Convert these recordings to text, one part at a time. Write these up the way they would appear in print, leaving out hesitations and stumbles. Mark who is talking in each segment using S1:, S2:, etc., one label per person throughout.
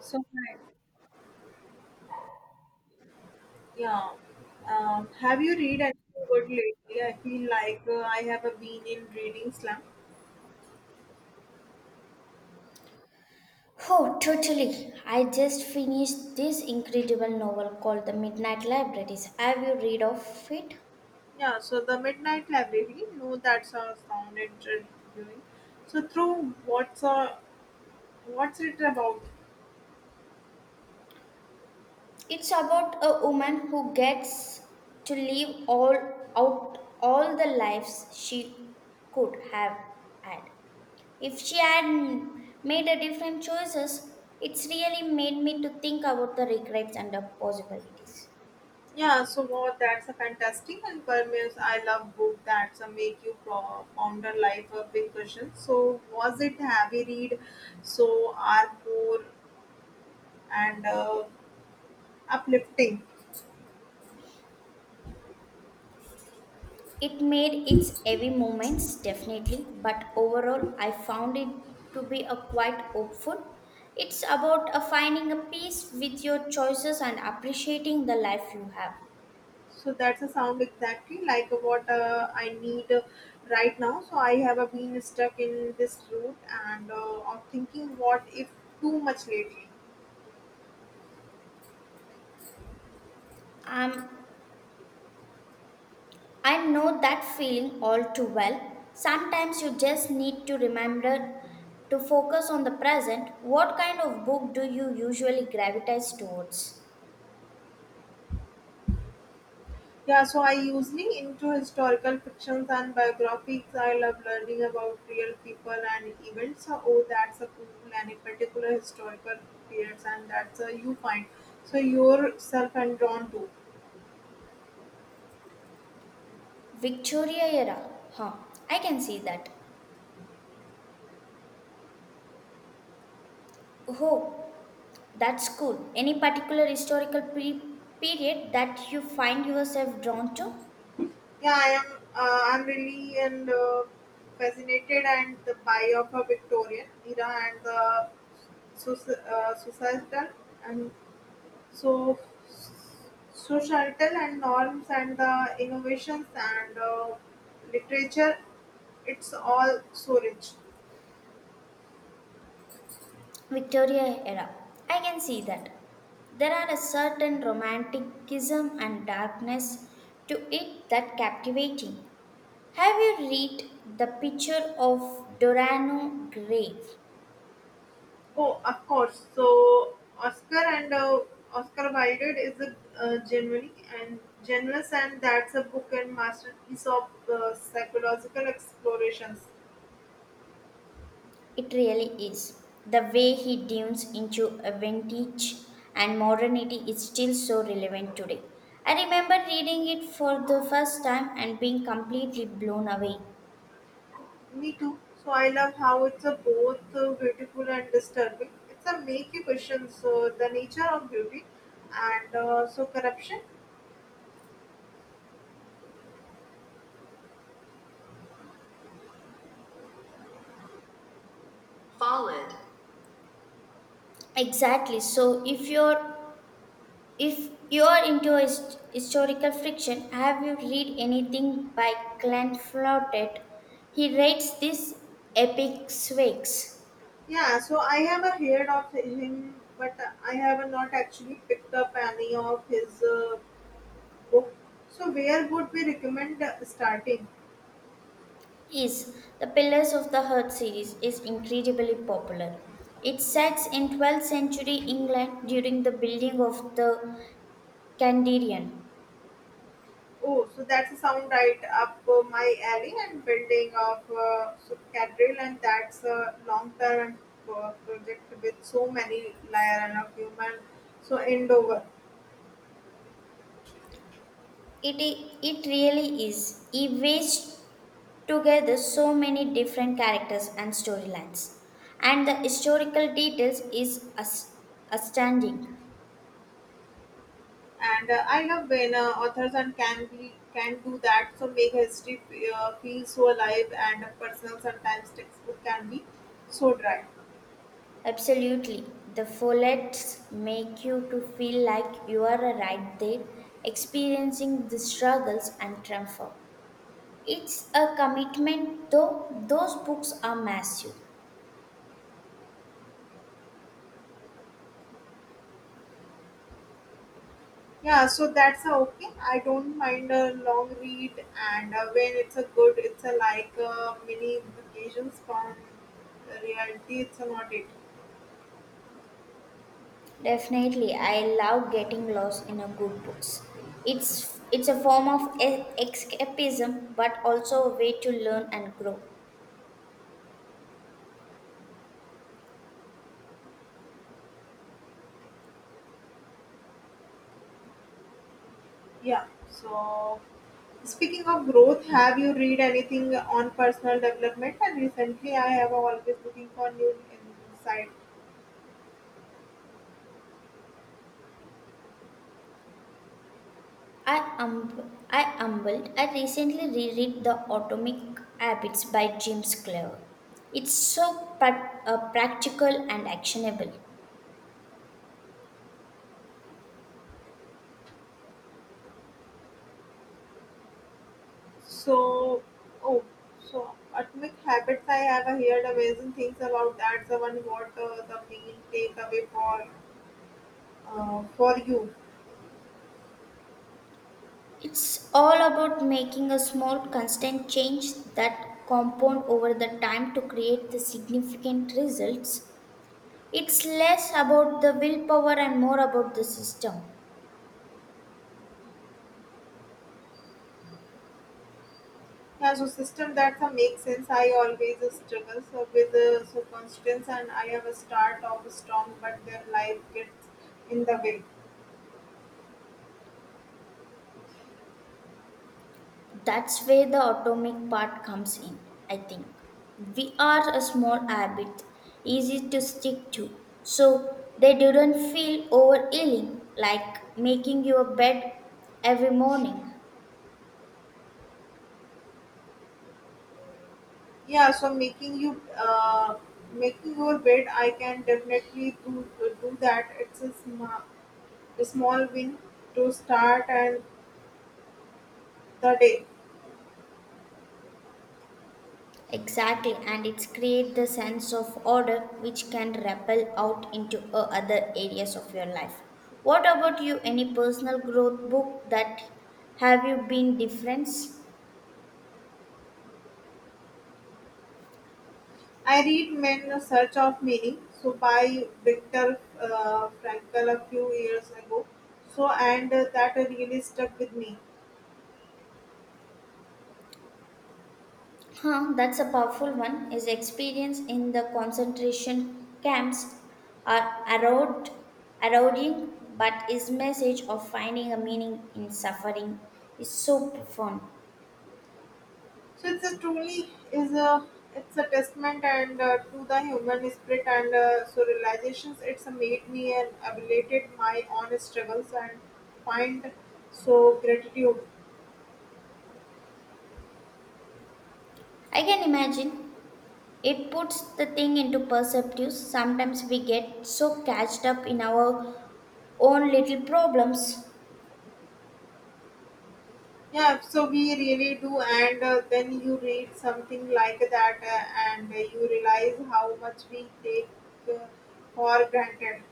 S1: So hi, yeah. Have you read anything good lately? I feel like I have been in reading slump.
S2: Oh, totally. I just finished this incredible novel called The Midnight Libraries. Have you read of it?
S1: Yeah. So the Midnight Library. No, that's a sound interviewing. So through what's it about?
S2: It's about a woman who gets to live all out all the lives she could have had. If she had made a different choices, it's really made me to think about the regrets and the possibilities.
S1: Yeah. So what? That's a fantastic and permeates. I love book that's a make you ponder life a big question. So was it heavy read? So are more and uplifting.
S2: It made its heavy moments, definitely, but overall, I found it to be a quite hopeful. It's about a finding a peace with your choices and appreciating the life you have.
S1: So that's a sound exactly like what I need right now. So I have been stuck in this route and I'm thinking what if too much lately.
S2: Um, I know that feeling all too well. Sometimes you just need to remember to focus on the present. What kind of book do you usually gravitate towards?
S1: Yeah, so I usually into historical fictions and biographies. I love learning about real people and events. So, oh, that's a cool and a particular historical periods and that's you find. So yourself and drawn to.
S2: Victoria era, huh? I can see that. Oh, that's cool. Any particular historical period that you find yourself drawn to?
S1: Yeah, I am. I'm really and fascinated and the by of a Victorian era and the societal and so societal and norms and the innovations and literature. It's all so rich.
S2: Victoria era. I can see that. There are a certain romanticism and darkness to it that captivating. Have you read the picture of Dorano Gray?
S1: Oh, of course. So Oscar Wilde is a genuine and generous, and that's a book and masterpiece of psychological explorations.
S2: It really is. The way he dives into a vintage and modernity is still so relevant today. I remember reading it for the first time and being completely blown away.
S1: Me too. So I love how it's a both beautiful and disturbing. It's a make you question so the nature of beauty and so corruption.
S2: Followed. Exactly. If you are into historical fiction, have you read anything by Glenn Flooded? He writes these epic swigs.
S1: Yeah. So I have a heard of him, but I have not actually picked up any of his book. So where would we recommend starting?
S2: Yes, the Pillars of the Heart series is incredibly popular. It sets in 12th century England during the building of the Candrian.
S1: Oh, so that's a sound right up my alley and building of so Cadril, and that's a long term project with so many layer and of human so endeavor.
S2: It really is. It weaves together so many different characters and storylines. And the historical details is astounding.
S1: And I love when authors and can do that. So make history feel so alive and personal. Sometimes textbook can be so dry.
S2: Absolutely. The follets make you to feel like you are right there experiencing the struggles and triumph. It's a commitment though. Those books are massive.
S1: Yeah, so that's a okay. I don't mind a long read, and when it's a good, it's a like mini vacations from the reality. It's a not it.
S2: Definitely, I love getting lost in a good books. It's a form of escapism but also a way to learn and grow.
S1: Yeah. So, speaking of growth, have you read anything on personal development? And recently, I have always looking for new insight.
S2: I humbled. I recently reread The Atomic Habits by James Clear. It's so practical and actionable.
S1: So, oh, so Atomic Habits. I have heard amazing things about that. So, one what the main takeaway for you?
S2: It's all about making a small constant change that compound over the time to create the significant results. It's less about the willpower and more about the system.
S1: Yeah, so system that makes sense. I always struggle so with so constraints, and I have a start of strong, but then life gets in the way.
S2: That's where the atomic part comes in, I think. We are a small habit, easy to stick to, so they didn't feel overeating like making your bed every morning.
S1: Yeah, so making your bed, I can definitely do that. It's a small win to start and the day.
S2: Exactly, and it's create the sense of order which can ripple out into other areas of your life. What about you? Any personal growth book that have you been difference?
S1: I read Men in Search of Meaning, so by Viktor Frankl a few years ago. So and that really stuck with me.
S2: Huh, that's a powerful one. His experience in the concentration camps are erode, eroding, but his message of finding a meaning in suffering is so profound.
S1: So it's a truly is a it's a testament and to the human spirit and so realizations it's made me and elevated my own struggles and find so gratitude.
S2: I can imagine it puts the thing into perspective. Sometimes we get so catched up in our own little problems.
S1: Yeah, so we really do, and then you read something like that, and you realize how much we take uh, for granted.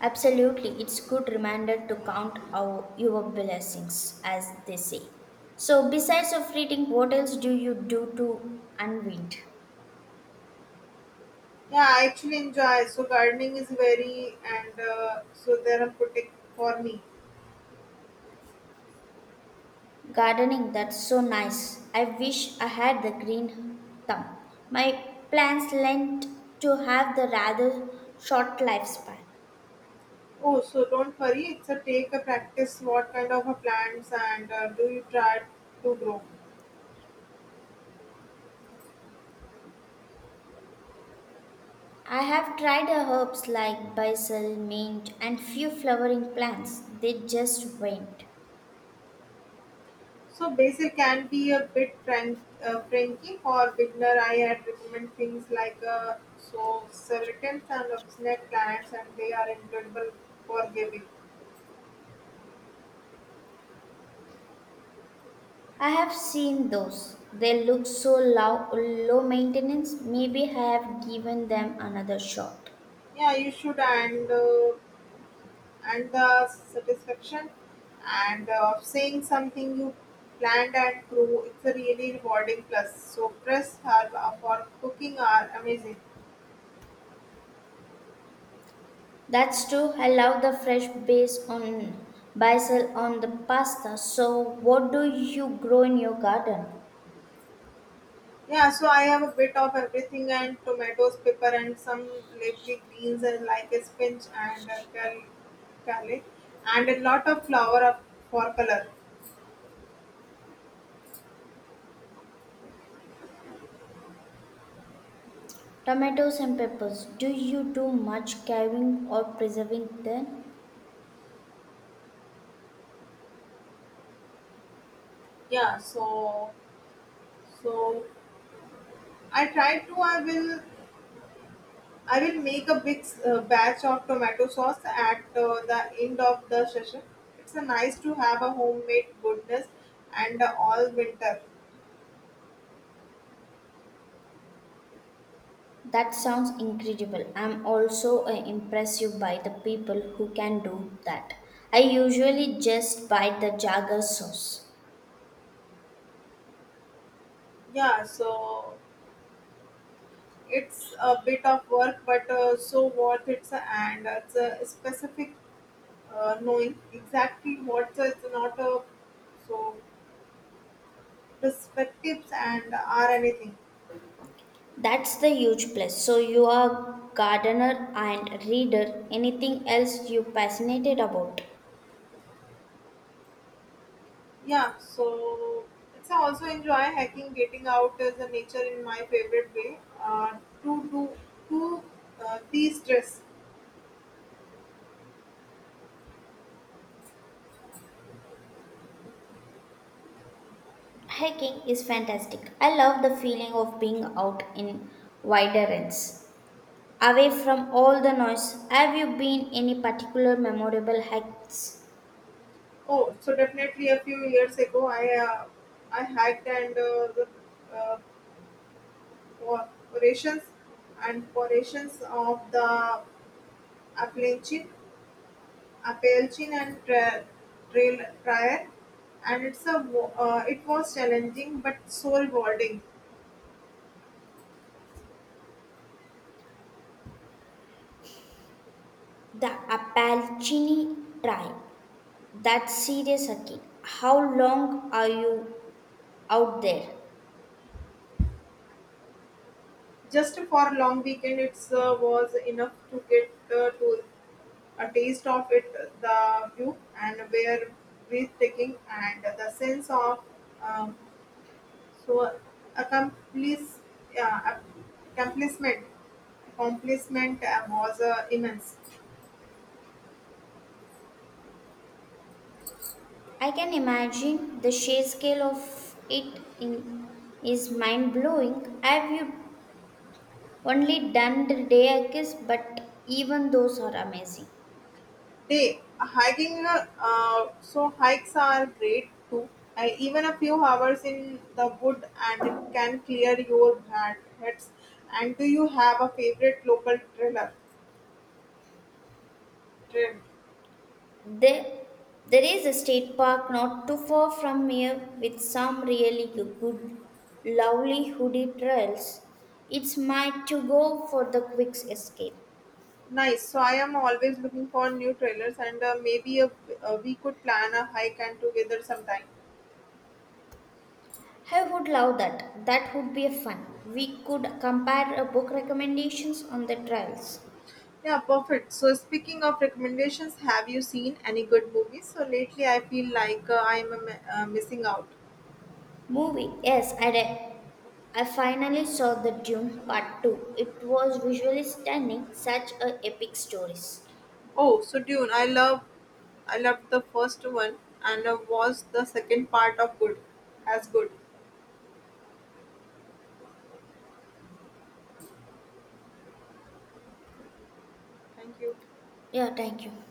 S2: Absolutely, it's good reminder to count our your blessings, as they say. So, besides of reading, what else do you do to unwind?
S1: Yeah, I actually enjoy. So gardening is very and so therapeutic for me.
S2: Gardening, that's so nice. I wish I had the green thumb. My plants lent to have the rather short lifespan.
S1: Oh, so don't worry. It's a take a practice. What kind of a plants and do you try to grow?
S2: I have tried herbs like basil, mint, and few flowering plants. They just went.
S1: So basil can be a bit frank, franky for beginner. I had recommend things like so certain and of snake plants, and they are incredible for giving.
S2: I have seen those. They look so low, low maintenance. Maybe I have given them another shot.
S1: Yeah, you should and and the satisfaction and of saying something you planned and grew. It's a really rewarding plus. So press herb for cooking are amazing.
S2: That's true. I love the fresh base on basil on the pasta. So, what do you grow in your garden?
S1: Yeah, so I have a bit of everything and tomatoes, pepper, and some leafy greens and like a spinach and a garlic, and a lot of flour for color.
S2: Tomatoes and peppers. Do you do much carving or preserving then?
S1: Yeah, so I try to I will make a big batch of tomato sauce at the end of the session. It's a nice to have a homemade goodness and all winter.
S2: That sounds incredible. I'm also impressed by the people who can do that. I usually just buy the Jagger sauce.
S1: Yeah, so it's a bit of work, but so worth it. And it's a specific knowing exactly what it's not a so perspectives and are anything.
S2: That's the huge plus. So you are gardener and reader. Anything else you passionate about?
S1: Yeah, so it's also enjoy hiking, getting out as a nature in my favorite way. To do to de-stress.
S2: Hiking is fantastic. I love the feeling of being out in wider ends, away from all the noise. Have you been any particular memorable hikes?
S1: Oh, so definitely a few years ago, I hiked and the uh, corporations and forations of the Appalachian, Appalachian and Trail and it was challenging but soul rewarding.
S2: The Appalachini Trail. That's serious, Aki. How long are you out there?
S1: Just for a long weekend, it was enough to get to a taste of it, the view and were breathtaking, and the sense of um, So accomplice, yeah, accomplishment, accomplishment was immense.
S2: I can imagine the sheer scale of it in, is mind blowing. Have you only done the day hikes, but even those are amazing.
S1: They hiking, so hikes are great too. Even a few hours in the wood and can clear your bad heads. And do you have a favorite local Trail.
S2: There, there is a state park not too far from here with some really good, lovely hoodie trails. It's my to go for the quick escape.
S1: Nice. So I am always looking for new trailers, and we could plan a hike and together sometime.
S2: I would love that. That would be a fun. We could compare book recommendations on the trials.
S1: Yeah, perfect. So speaking of recommendations, have you seen any good movies? So lately, I feel like I'm missing out.
S2: Movie. Yes, I did. I finally saw The Dune Part 2. It was visually stunning, such a epic stories.
S1: Oh, so Dune. I loved the first one, and was the second part as good. Thank you.
S2: Yeah, thank you.